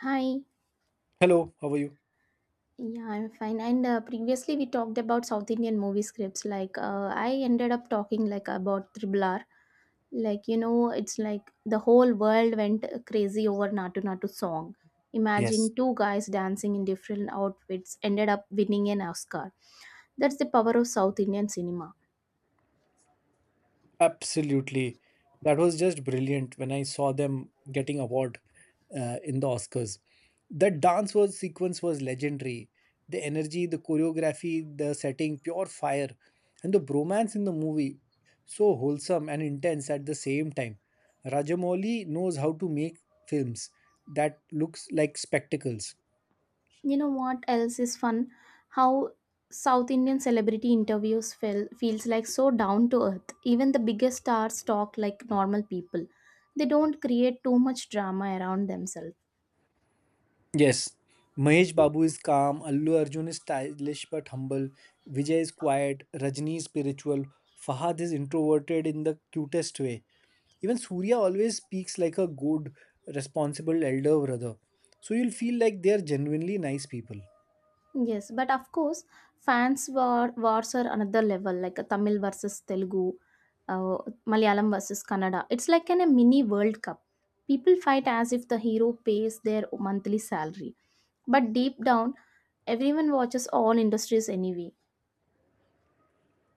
Hi. Hello, how are you? Yeah, I'm fine. And previously we talked about South Indian movie scripts. I ended up talking like about Triple R. It's like the whole world went crazy over Natu Natu song. Yes. Imagine two guys dancing in different outfits ended up winning an Oscar. That's the power of South Indian cinema. Absolutely. That was just brilliant when I saw them getting award in the Oscars. That dance was sequence was legendary. The energy, the choreography, the setting, pure fire. And the bromance in the movie, so wholesome and intense at the same time. Rajamouli knows how to make films that looks like spectacles. You know what else is fun? How South Indian celebrity interviews feels like so down to earth. Even the biggest stars talk like normal people. They don't create too much drama around themselves. Yes, Mahesh Babu is calm, Allu Arjun is stylish but humble, Vijay is quiet, Rajni is spiritual, Fahad is introverted in the cutest way. Even Surya always speaks like a good, responsible elder brother. So you'll feel like they're genuinely nice people. Yes, but of course, fans war wars are another level, like a Tamil versus Telugu, uh, Malayalam versus Kannada. It's like a mini World Cup. People fight as if the hero pays their monthly salary, but deep down, everyone watches all industries anyway.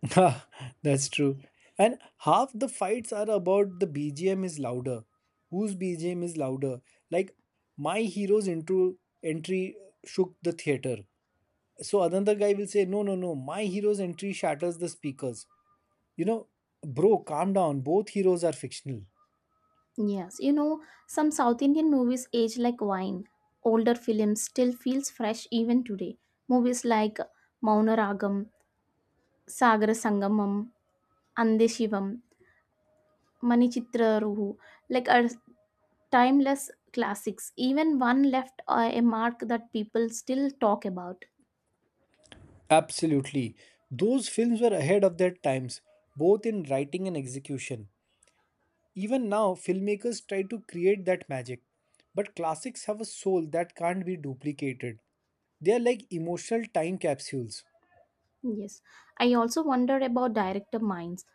Ha, that's true. And half the fights are about the BGM is louder. Whose BGM is louder? Like my hero's intro entry shook the theater. So another guy will say, no no no, my hero's entry shatters the speakers, you know. Bro, calm down, both heroes are fictional. Yes, you know, some South Indian movies age like wine. Older films still feels fresh even today. Movies like Maunaragam, Sagara Sangamam, Ande Shivam, Manichitra Ruhu, like are timeless classics. Even one left a mark that people still talk about. Absolutely, those films were ahead of their times, both in writing and execution. Even now filmmakers try to create that magic, but classics have a soul that can't be duplicated. They are like emotional time capsules. Yes, I also wonder about director minds.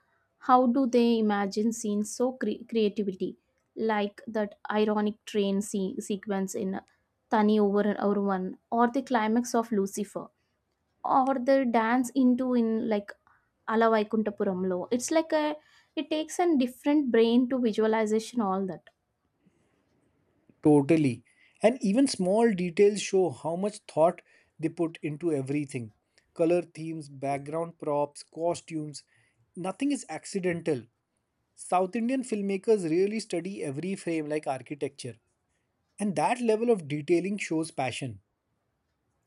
How do they imagine scenes so creativity, like that ironic train sequence in Tani over and over one, or the climax of Lucifer, or the dance into in like Ala Vaikuntapuramlo. It's like a it takes a different brain to visualization all that. Totally. And even small details show how much thought they put into everything. Color themes, background props, costumes, nothing is accidental. South Indian filmmakers really study every frame like architecture. And that level of detailing shows passion.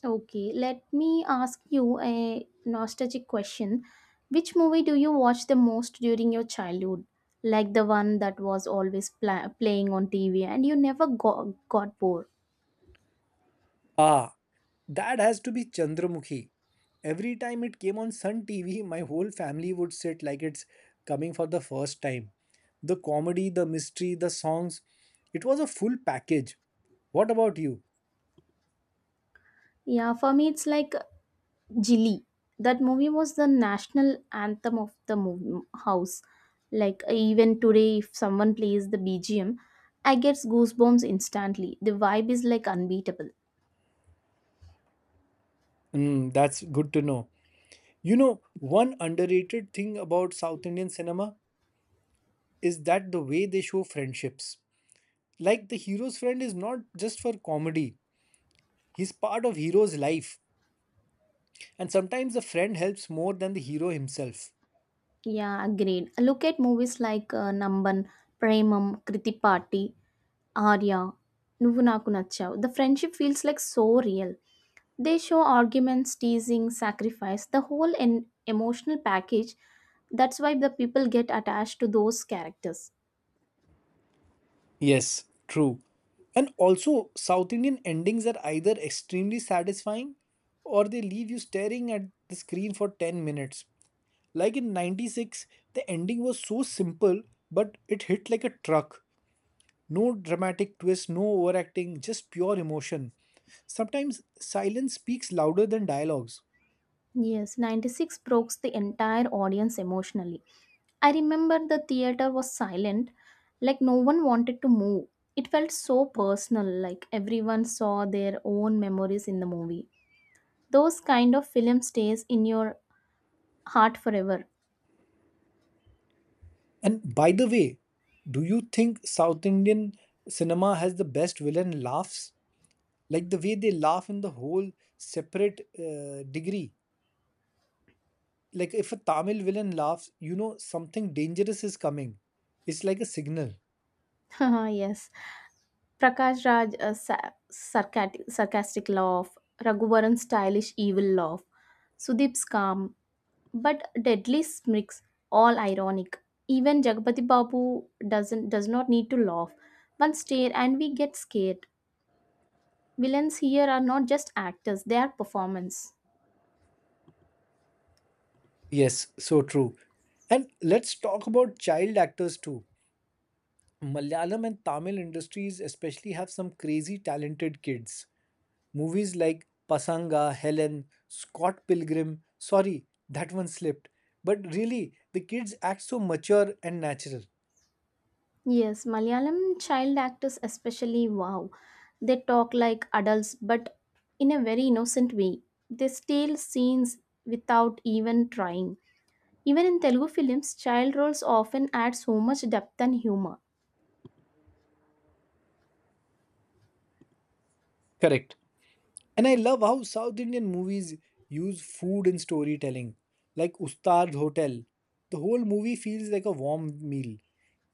Okay, let me ask you a nostalgic question. Which movie do you watch the most during your childhood? Like the one that was always playing on TV and you never got bored. Ah, that has to be Chandramukhi. Every time it came on Sun TV, my whole family would sit like it's coming for the first time. The comedy, the mystery, the songs, it was a full package. What about you? Yeah, for me, it's like Jilly. That movie was the national anthem of the house. Like, even today, if someone plays the BGM, I get goosebumps instantly. The vibe is like unbeatable. Mm, that's good to know. You know, one underrated thing about South Indian cinema is that the way they show friendships. Like the hero's friend is not just for comedy, he's part of hero's life. And sometimes the friend helps more than the hero himself. Yeah, agreed. Look at movies like Namban, Premam, Kriti Party, Arya, Nuvu Naku Nachav. The friendship feels like so real. They show arguments, teasing, sacrifice, the whole emotional package. That's why the people get attached to those characters. Yes, true. And also, South Indian endings are either extremely satisfying or they leave you staring at the screen for 10 minutes. Like in 96, the ending was so simple, but it hit like a truck. No dramatic twist, no overacting, just pure emotion. Sometimes silence speaks louder than dialogues. Yes, 96 broke the entire audience emotionally. I remember the theater was silent, like no one wanted to move. It felt so personal, like everyone saw their own memories in the movie. Those kind of film stays in your heart forever. And by the way, do you think South Indian cinema has the best villain laughs? Like the way they laugh in the whole separate degree. Like if a Tamil villain laughs, you know something dangerous is coming. It's like a signal. Yes. Prakash Raj sarcastic laugh, Raghuvaran's stylish evil laugh, Sudip's calm, but deadly smicks, all ironic, even jagpati babu does not need to laugh, one stare and we get scared. Villains here are not just actors, they are performance. Yes, so true. And let's talk about child actors too. Malayalam and Tamil industries especially have some crazy talented kids. Movies like Pasanga, Helen, Scott Pilgrim, sorry, that one slipped. But really, the kids act so mature and natural. Yes, malayalam child actors especially, wow, they talk like adults but in a very innocent way. They steal scenes without even trying. Even in telugu films child roles often add so much depth and humor. Correct. And I love how South Indian movies use food in storytelling, like Ustad Hotel. The whole movie feels like a warm meal.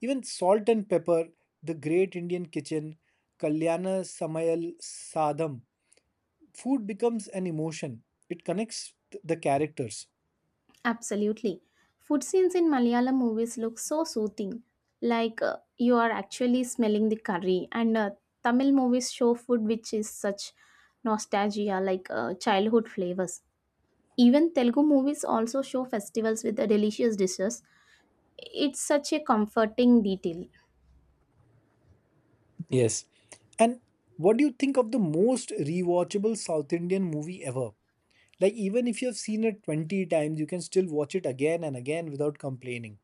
Even Salt and Pepper, The Great Indian Kitchen, Kalyana Samayal Sadham. Food becomes an emotion, it connects the characters. Absolutely. Food scenes in Malayalam movies look so soothing, like you are actually smelling the curry. And Tamil movies show food which is such nostalgia, like childhood flavors. Even Telugu movies also show festivals with the delicious dishes. It's such a comforting detail. Yes. And what do you think of the most rewatchable South Indian movie ever? Like, even if you have seen it 20 times, you can still watch it again and again without complaining.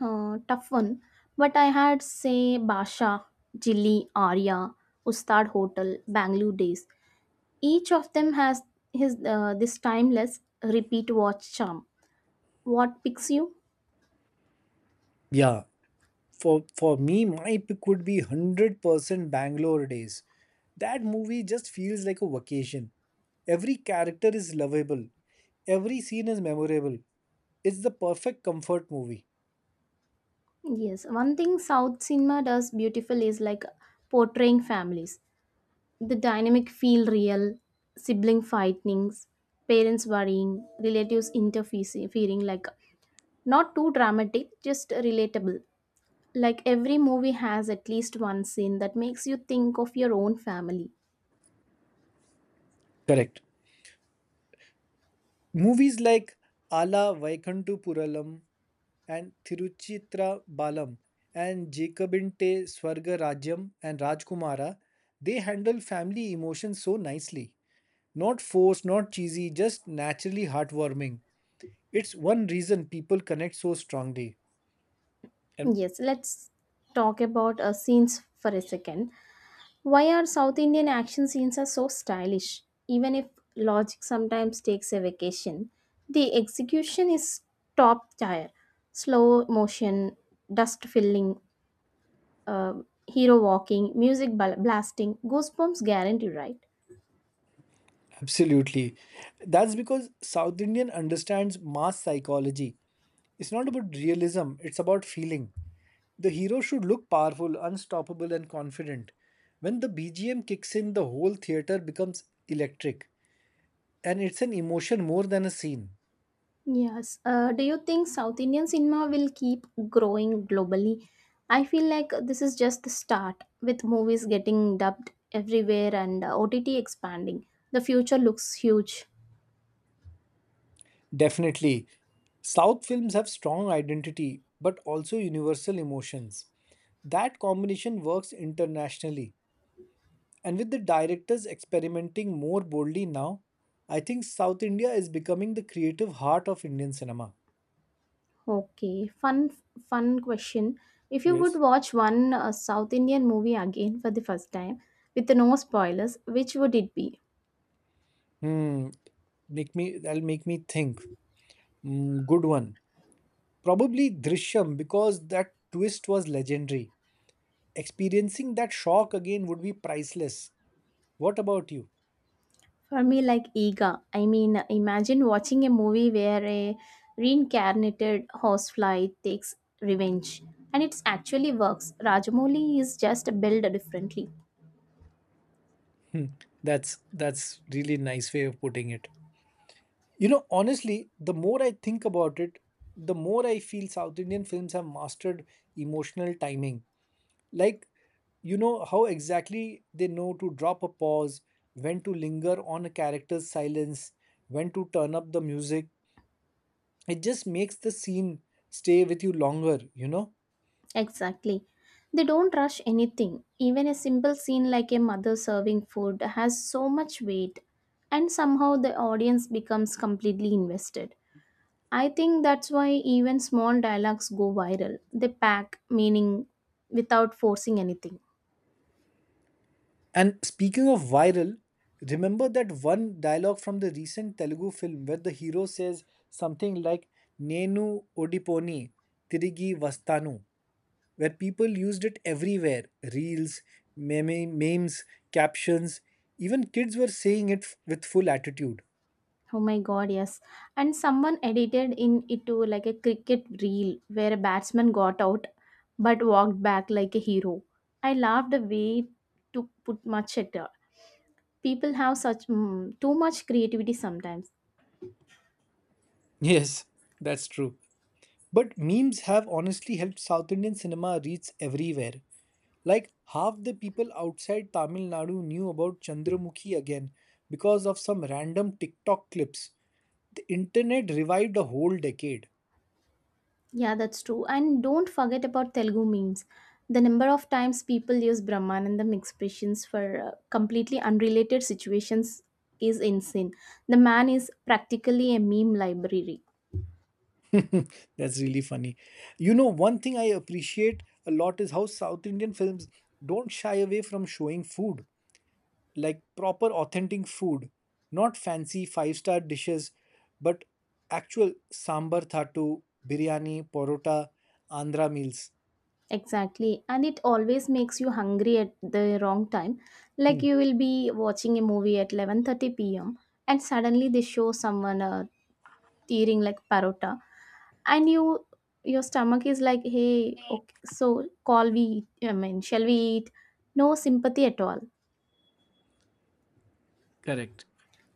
Tough one. But I had, say, Basha, Jilly, Arya, Ustad Hotel, Bangalore Days. Each of them has his this timeless repeat watch charm. What picks you? Yeah, for for me my pick would be 100% Bangalore Days. That movie just feels like a vacation. Every character is lovable, every scene is memorable. It's the perfect comfort movie. Yes, one thing South cinema does beautiful is like portraying families. The dynamic feel real, sibling fightings, parents worrying, relatives interfering, like not too dramatic, just relatable. Like every movie has at least one scene that makes you think of your own family. Correct. Movies like Ala Vaikantupuralam, and Tiruchitra Balam, and Jacobinte Swarga Rajyam, and Rajkumara, they handle family emotions so nicely. Not forced, not cheesy, just naturally heartwarming. It's one reason people connect so strongly. And Yes, let's talk about scenes for a second. Why are South Indian action scenes are so stylish? Even if logic sometimes takes a vacation, the execution is top tier. Slow motion, dust filling, uh, hero walking, music blasting, goosebumps guarantee, right? absolutely, that's because South Indian understands mass psychology. It's not about realism, it's about feeling. The hero should look powerful, unstoppable and confident. When the BGM kicks in, the whole theater becomes electric. And it's an emotion more than a scene. Yes. Do you think South Indian cinema will keep growing globally? I feel like this is just the start, with movies getting dubbed everywhere and OTT expanding. The future looks huge. Definitely, south films have strong identity but also universal emotions. That combination works internationally. And with the directors experimenting more boldly now, I think South India is becoming the creative heart of Indian cinema. Okay, fun question. If you would Yes. watch one South Indian movie again for the first time with no spoilers, which would it be? Hmm. Make me. That'll make me think. Hmm, good one. Probably Drishyam because that twist was legendary. Experiencing that shock again would be priceless. What about you? For me, like Ega. I mean, imagine watching a movie where a reincarnated horsefly takes revenge, and it actually works. Rajamouli is just built differently. Hmm, that's really nice way of putting it. You know, honestly, the more I think about it, the more I feel South Indian films have mastered emotional timing. Like you know how exactly they know to drop a pause, when to linger on a character's silence, when to turn up the music. It just makes the scene stay with you longer, you know? Exactly. They don't rush anything. Even a simple scene like a mother serving food has so much weight, and somehow the audience becomes completely invested. I think that's why even small dialogues go viral. They pack meaning without forcing anything. And speaking of viral, remember that one dialogue from the recent Telugu film where the hero says something like Nenu Odiponi Tirigi Vastanu, where people used it everywhere, reels, memes, captions, even kids were saying it with full attitude. Oh my god, yes. And someone edited in it to like a cricket reel where a batsman got out but walked back like a hero. I laughed a way to put much at, people have such too much creativity sometimes. Yes, that's true. But memes have honestly helped South Indian cinema reach everywhere. Like half the people outside Tamil Nadu knew about Chandramukhi again because of some random TikTok clips. The internet revived a whole decade. Yeah, that's true, and don't forget about telugu memes. The number of times people use brahmanandam expressions for completely unrelated situations is insane. The man is practically a meme library. That's really funny. You know, one thing I appreciate a lot is how South Indian films don't shy away from showing food. Like proper authentic food, not fancy five-star dishes, but actual sambar thattu, biryani porota, Andhra meals. Exactly, and it always makes you hungry at the wrong time. Like Hmm. you will be watching a movie at 11:30 p.m. and suddenly they show someone a tearing like parota, and you, your stomach is like, hey, okay, so call we, I mean, shall we eat? No sympathy at all. Correct.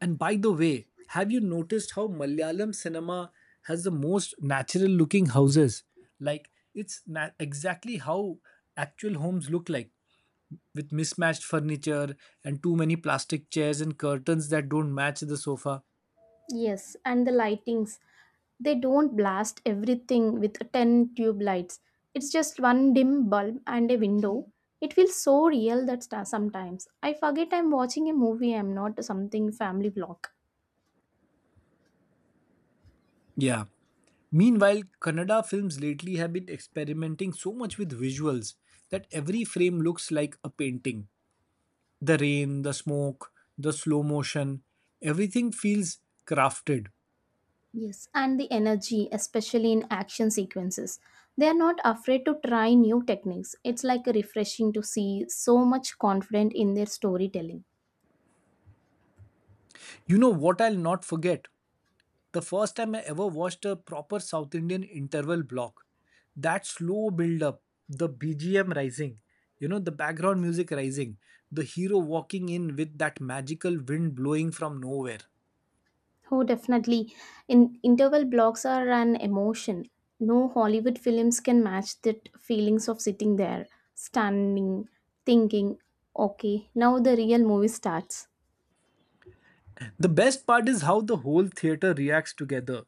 And by the way, have you noticed how Malayalam cinema has the most natural looking houses? Like, it's exactly how actual homes look like, with mismatched furniture and too many plastic chairs and curtains that don't match the sofa. Yes, and the lightings, they don't blast everything with 10 tube lights, it's just one dim bulb and a window. It feels so real that sometimes I forget I'm watching a movie, I'm not something family vlog. Yeah. Meanwhile, Kannada films lately have been experimenting so much with visuals that every frame looks like a painting. The rain, the smoke, the slow motion, everything feels crafted. Yes, and the energy, especially in action sequences. They are not afraid to try new techniques. It's like refreshing to see so much confident in their storytelling. You know what I'll not forget? The first time I ever watched a proper South Indian interval block. That slow build up, the BGM rising, you know, the background music rising, the hero walking in with that magical wind blowing from nowhere. Oh, definitely. In interval blocks are an emotion. No Hollywood films can match that feelings of sitting there, standing, thinking, okay, now the real movie starts. The best part is how the whole theater reacts together.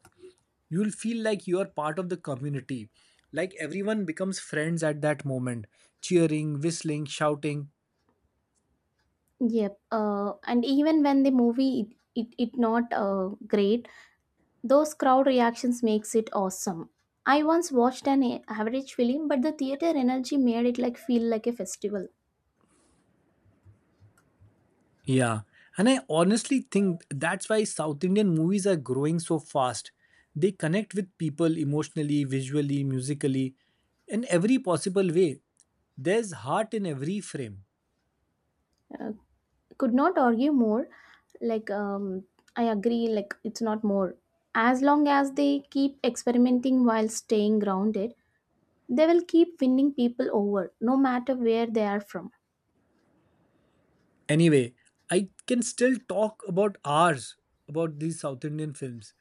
You'll feel like you're part of the community, like everyone becomes friends at that moment, cheering, whistling, shouting. Yep. And even when the movie it not great, those crowd reactions makes it awesome. I once watched an average film, but the theater energy made it like feel like a festival. Yeah, and I honestly think that's why South Indian movies are growing so fast. They connect with people emotionally, visually, musically, in every possible way. There's heart in every frame. Uh, could not argue more. Like um, I agree. Like it's not more. As long as they keep experimenting while staying grounded, they will keep winning people over, no matter where they are from. Anyway, I can still talk about hours about these South Indian films.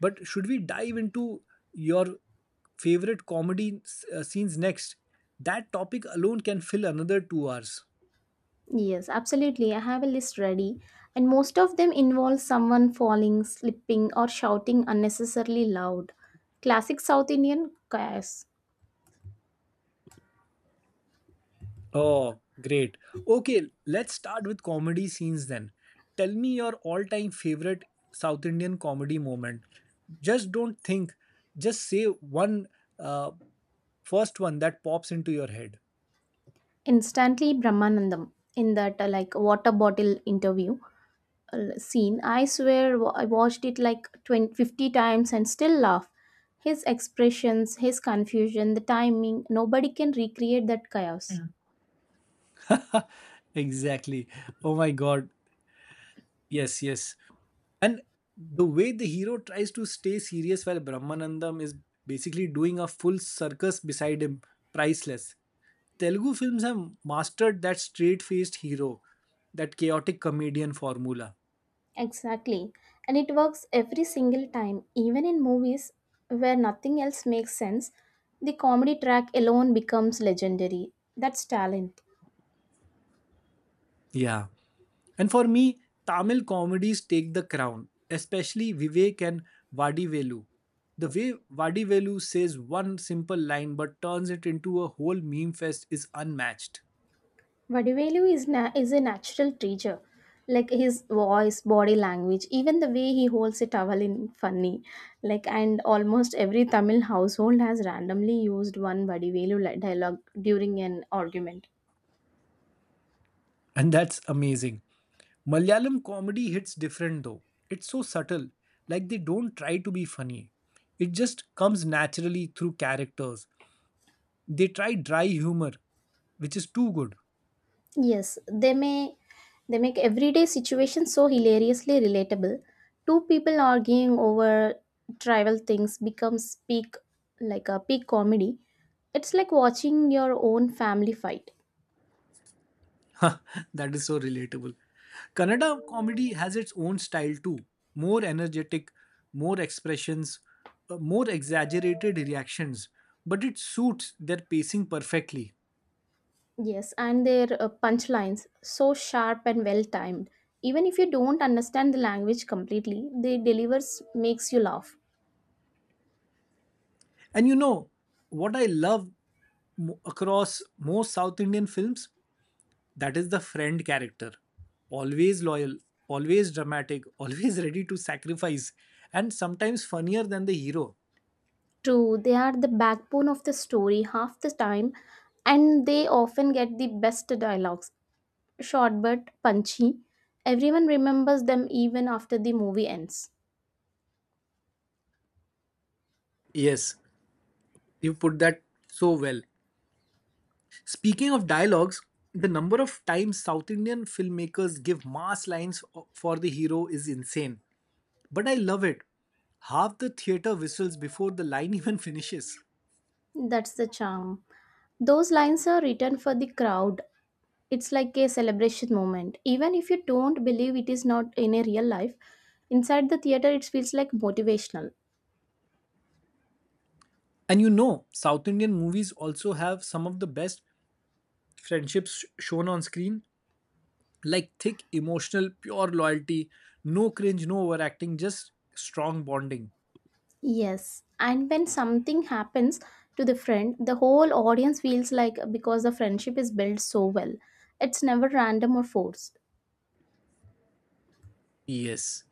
But should we dive into your favorite comedy scenes next? That topic alone can fill another 2 hours. Yes, absolutely. I have a list ready, and most of them involve someone falling, slipping, or shouting unnecessarily loud. Classic South Indian chaos. Oh, great. Okay, let's start with comedy scenes then. Tell me your all time favorite South Indian comedy moment. Just don't think, just say one uh, first one that pops into your head. Instantly Brahmanandam in that like water bottle interview scene. I swear I watched it like 2050 and still laugh. His expressions, his confusion, the timing, nobody can recreate that chaos. Exactly. Oh my God. Yes, yes. And the way the hero tries to stay serious while Brahmanandam is basically doing a full circus beside him, priceless. Telugu films have mastered that straight faced hero, that chaotic comedian formula. Exactly. And it works every single time, even in movies where nothing else makes sense. The comedy track alone becomes legendary. That's talent. Yeah. And for me, Tamil comedies take the crown, especially Vivek and Vadivelu. The way Vadivelu says one simple line but turns it into a whole meme fest is unmatched. Vadivelu is a natural teacher. Like his voice, body language, even the way he holds a towel in funny. Like, and almost every Tamil household has randomly used one Vadivelu dialogue during an argument. And that's amazing. Malayalam comedy hits different though. It's so subtle, like they don't try to be funny. It just comes naturally through characters. They try dry humor, which is too good. Yes, they make everyday situations so hilariously relatable. Two people arguing over trivial things becomes peak like a peak comedy. It's like watching your own family fight. That is so relatable. Kannada comedy has its own style too. More energetic, more expressions, more exaggerated reactions, but it suits their pacing perfectly. Yes, and their punchlines so sharp and well timed. Even if you don't understand the language completely, they delivers makes you laugh. And you know, what I love across most South Indian films, that is the friend character. Always loyal, always dramatic, always ready to sacrifice, and sometimes funnier than the hero. True, they are the backbone of the story half the time, and they often get the best dialogues, short but punchy. Everyone remembers them even after the movie ends. Yes, you put that so well. Speaking of dialogues, the number of times South Indian filmmakers give mass lines for the hero is insane. But I love it. Half the theater whistles before the line even finishes. That's the charm. Those lines are written for the crowd. It's like a celebration moment. Even if you don't believe it is not in a real life, inside the theater it feels like motivational. And you know, South Indian movies also have some of the best friendships shown on screen. Like thick emotional pure loyalty, no cringe, no overacting, just strong bonding. Yes, and when something happens to the friend, the whole audience feels like because the friendship is built so well. It's never random or forced. Yes,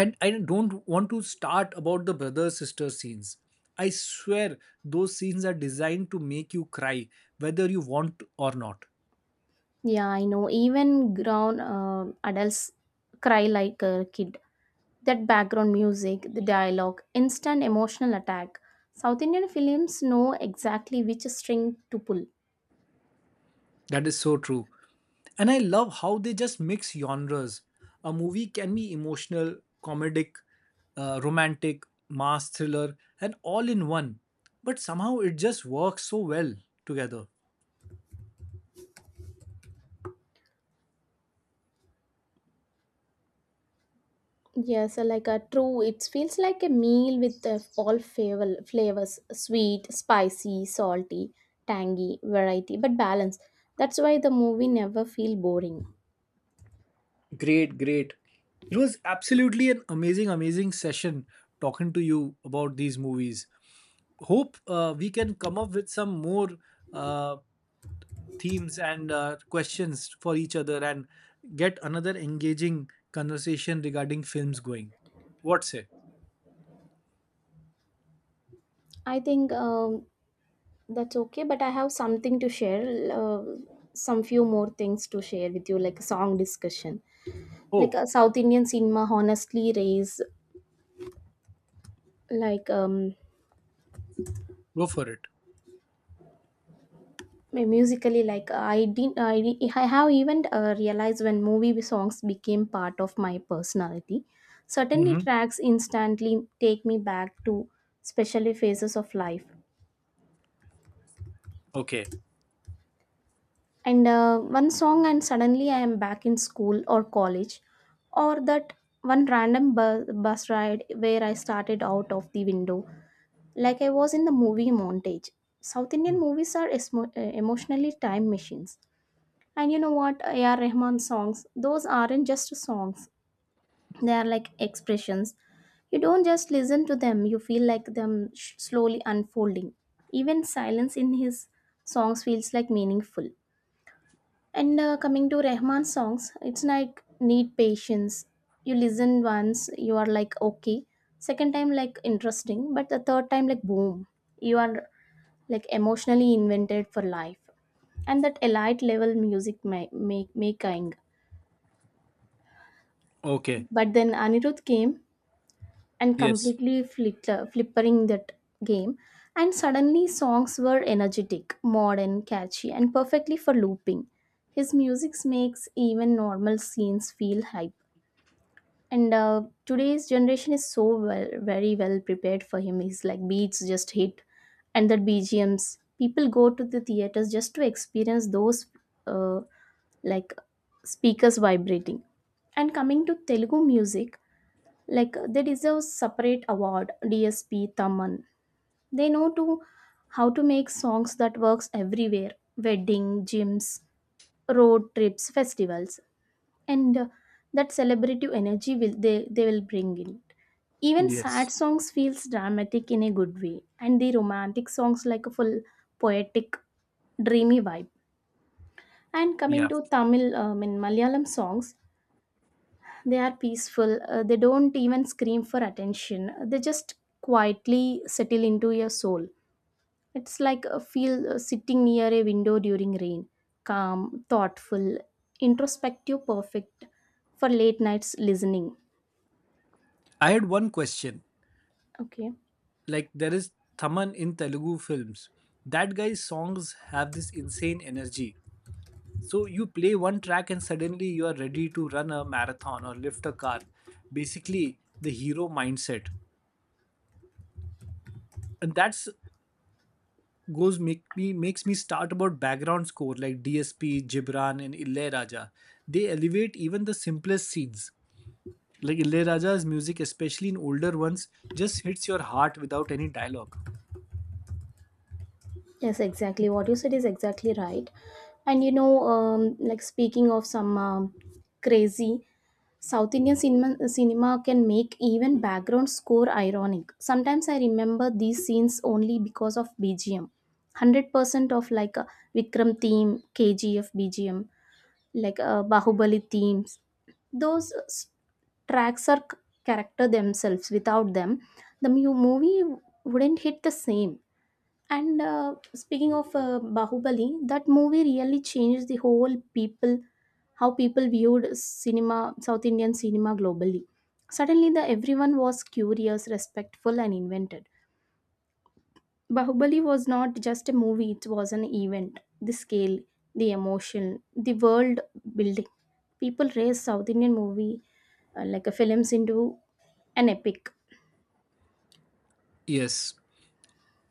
and I don't want to start about the brother sister scenes. I swear those scenes are designed to make you cry, whether you want or not. Yeah, I know. Even grown adults cry like a kid. That background music, the dialogue, instant emotional attack. South Indian films know exactly which string to pull. That is so true. And I love how they just mix genres. A movie can be emotional, comedic, romantic, mass, thriller, and all in one. But somehow it just works so well together. Yes, like a true. It feels like a meal with all flavors: sweet, spicy, salty, tangy, variety, but balance. That's why the movie never feel boring. Great, great. It was absolutely an amazing, amazing session talking to you about these movies. Hope we can come up with some more uh, themes and questions for each other and get another engaging conversation regarding films going. What say? I think That's okay, but I have something to share, some few more things to share with you, like a song discussion. Like Oh, South Indian cinema honestly raise like um go for it. musically, like I didn't I, di- I have even realized when movie songs became part of my personality. Certainly Mm-hmm. tracks instantly take me back to especially phases of life, Okay. and one song and suddenly I am back in school or college or that one random bus ride where I started out of the window, like I was in the movie montage. South indian Mm. movies are emotionally time machines. And you know what, ar rahman songs, those aren't just songs, they are like expressions. You don't just listen to them, you feel like them slowly unfolding. Even silence in his songs feels like meaningful. And coming to Rahman's songs, it's like need patience. You listen once, you are like okay. Second time like interesting, but the third time like boom, you are like emotionally invented for life. And that elite level music ma- make making. Okay. But then Anirudh came and Yes. completely flippering that game. And suddenly songs were energetic, modern, catchy, and perfectly for looping. His music makes even normal scenes feel hype. And today's generation is so well, very well prepared for him. He's like beats just hit, and the B G M's. People go to the theaters just to experience those uh, like speakers vibrating. And coming to Telugu music, like they deserve separate award. DSP Taman. They know to how to make songs that works everywhere. Wedding, gyms, road trips, festivals, and that celebrative energy will they will bring in. Even sad Yes. songs feels dramatic in a good way, and the romantic songs like a full poetic dreamy vibe. And coming Yeah. to tamil, in malayalam songs they are peaceful. They don't even scream for attention. They just quietly settle into your soul. It's like a feel, sitting near a window during rain. Calm, thoughtful, introspective, perfect for late nights listening. I had one question. Okay. Like there is Thaman in Telugu films. That guy's songs have this insane energy. So you play one track and suddenly you are ready to run a marathon or lift a car. Basically, the hero mindset, and that's goes make me makes me start about background score like DSP, Gibran, and Ilaiyaraaja. They elevate even the simplest scenes. Like Ilaiyaraaja's music, especially in older ones, just hits your heart without any dialogue. Yes, exactly. What you said is exactly right. And you know, like speaking of some crazy, South Indian cinema can make even background score ironic. Sometimes I remember these scenes only because of BGM. 100% of like a Vikram theme, KGF BGM, like Bahubali themes. Those tracks are character themselves. Without them, the movie wouldn't hit the same. And speaking of Bahubali, that movie really changed the whole people, how people viewed cinema, South Indian cinema globally. Suddenly, the everyone was curious, respectful, and invented. Bahubali was not just a movie; it was an event. The scale, the emotion, the world building. People raised South Indian movie like a films into an epic. Yes,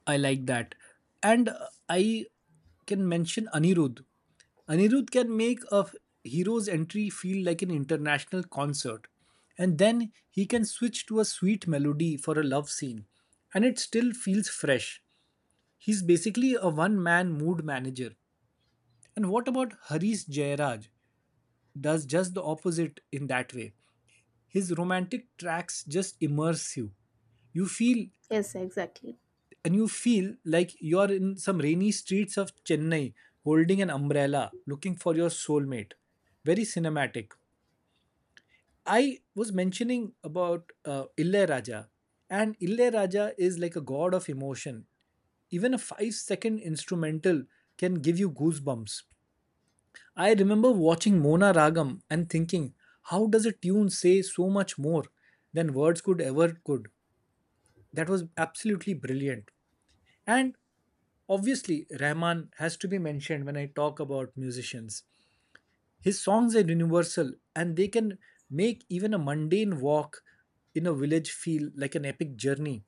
I like that. And I can mention Anirudh. Anirudh can make a hero's entry feel like an international concert. And then he can switch to a sweet melody for a love scene. And it still feels fresh. He's basically a one man mood manager. And what about Harish Jairaj? Does just the opposite in that way. His romantic tracks just immerse you. You feel Yes, exactly. and you feel like you are in some rainy streets of Chennai, holding an umbrella, looking for your soulmate. Very cinematic. I was mentioning about Raja, and Raja is like a god of emotion. Even a 5-second instrumental can give you goosebumps. I remember watching Mona Ragam and thinking, how does a tune say so much more than words could ever could? That was absolutely brilliant. And obviously, Rahman has to be mentioned when I talk about musicians. His songs are universal and they can make even a mundane walk in a village feel like an epic journey.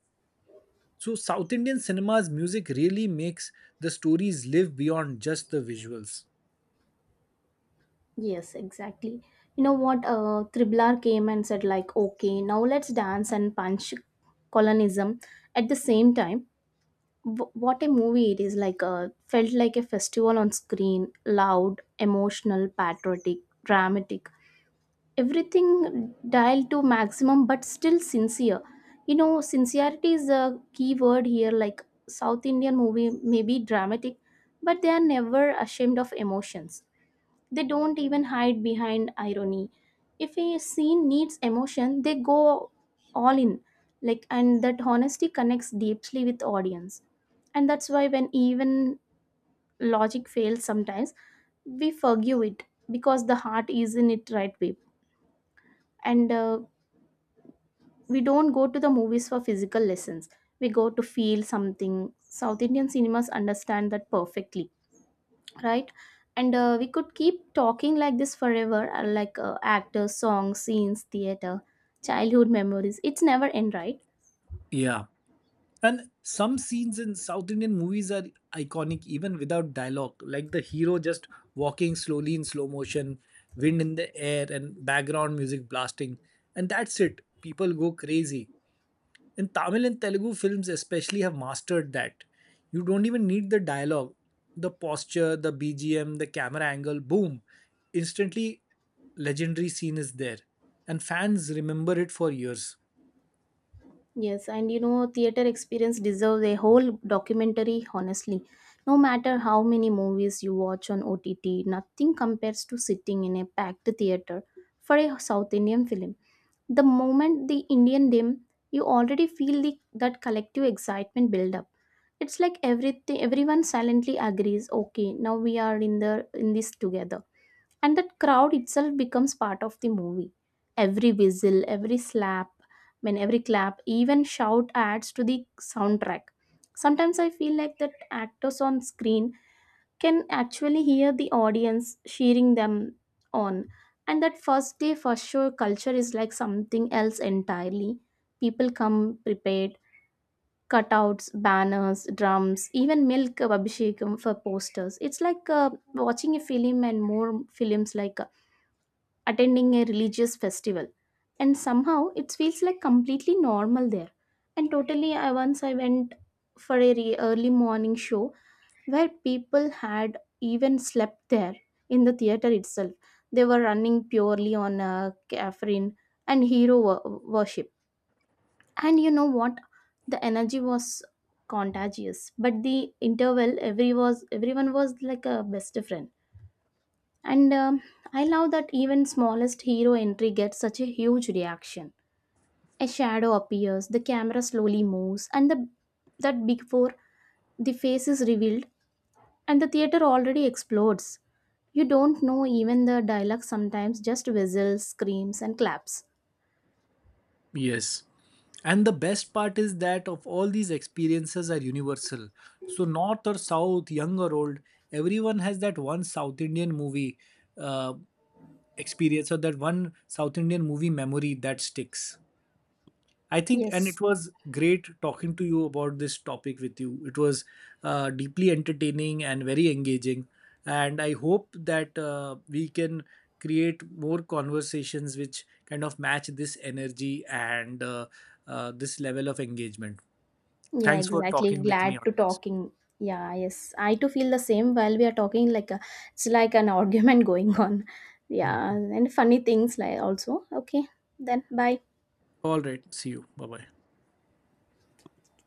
So, South Indian cinema's music really makes the stories live beyond just the visuals. Yes, exactly. You know what? Triblar came and said, like, okay, now let's dance and punch colonism at the same time. What a movie it is! Like, felt like a festival on screen, loud, emotional, patriotic, dramatic. Everything dialed to maximum, but still sincere. You know, sincerity is a key word here. Like, South Indian movie may be dramatic, but they are never ashamed of emotions. They don't even hide behind irony. If a scene needs emotion, they go all in. Like and that honesty connects deeply with audience. And that's why when even logic fails sometimes, we forgive it because the heart is in it right way. And we don't go to the movies for physical lessons. We go to feel something. South Indian cinemas understand that perfectly. Right. And we could keep talking like this forever, actors, songs, scenes, theater, childhood memories, it's never end, right? Yeah. And some scenes in South Indian movies are iconic even without dialogue, like the hero just walking slowly in slow motion, wind in the air, and background music blasting. And that's it, people go crazy. And Tamil and Telugu films, especially, have mastered that. You don't even need the dialogue, the posture, the BGM, the camera angle, boom. Instantly, legendary scene is there. And fans remember it for years. Yes, and you know, theater experience deserves a whole documentary honestly. No matter how many movies you watch on ott, nothing compares to sitting in a packed theater for a south indian film. The moment the indian dim, you already feel that collective excitement build up. It's like everything everyone silently agrees, okay, now we are in the in this together. And that crowd itself becomes part of the movie. Every whistle, every slap, I mean every clap, even shout adds to the soundtrack. Sometimes I feel like that actors on screen can actually hear the audience cheering them on. And that first day first show culture is like something else entirely. People come prepared, cutouts, banners, drums, even milk abhishekam for posters. It's like watching a film and more films like attending a religious festival. And somehow it feels like completely normal there. And totally, I went for a early morning show where people had even slept there in the theater itself. They were running purely on caffeine and hero worship. And you know what? The energy was contagious, but the interval, everyone was like a best friend. And I love that even smallest hero entry gets such a huge reaction. A shadow appears, the camera slowly moves, and the that before the face is revealed, and the theater already explodes. You don't know even the dialogue sometimes, just whistles, screams, and claps. Yes. And the best part is that of all these experiences are universal. So north or south, young or old, everyone has that one South Indian movie uh, experience or that one South Indian movie memory that sticks. I think, and Yes, it was great talking to you about this topic with you. It was deeply entertaining and very engaging. And I hope that we can create more conversations which kind of match this energy and this level of engagement. Yeah, Thanks for exactly. talking with me Glad on to this. talking. Yeah, yes. I too feel the same while we are talking like a, it's like an argument going on. Yeah, Mhm. and funny things like also. Okay. Then bye. All right. See you. Bye bye.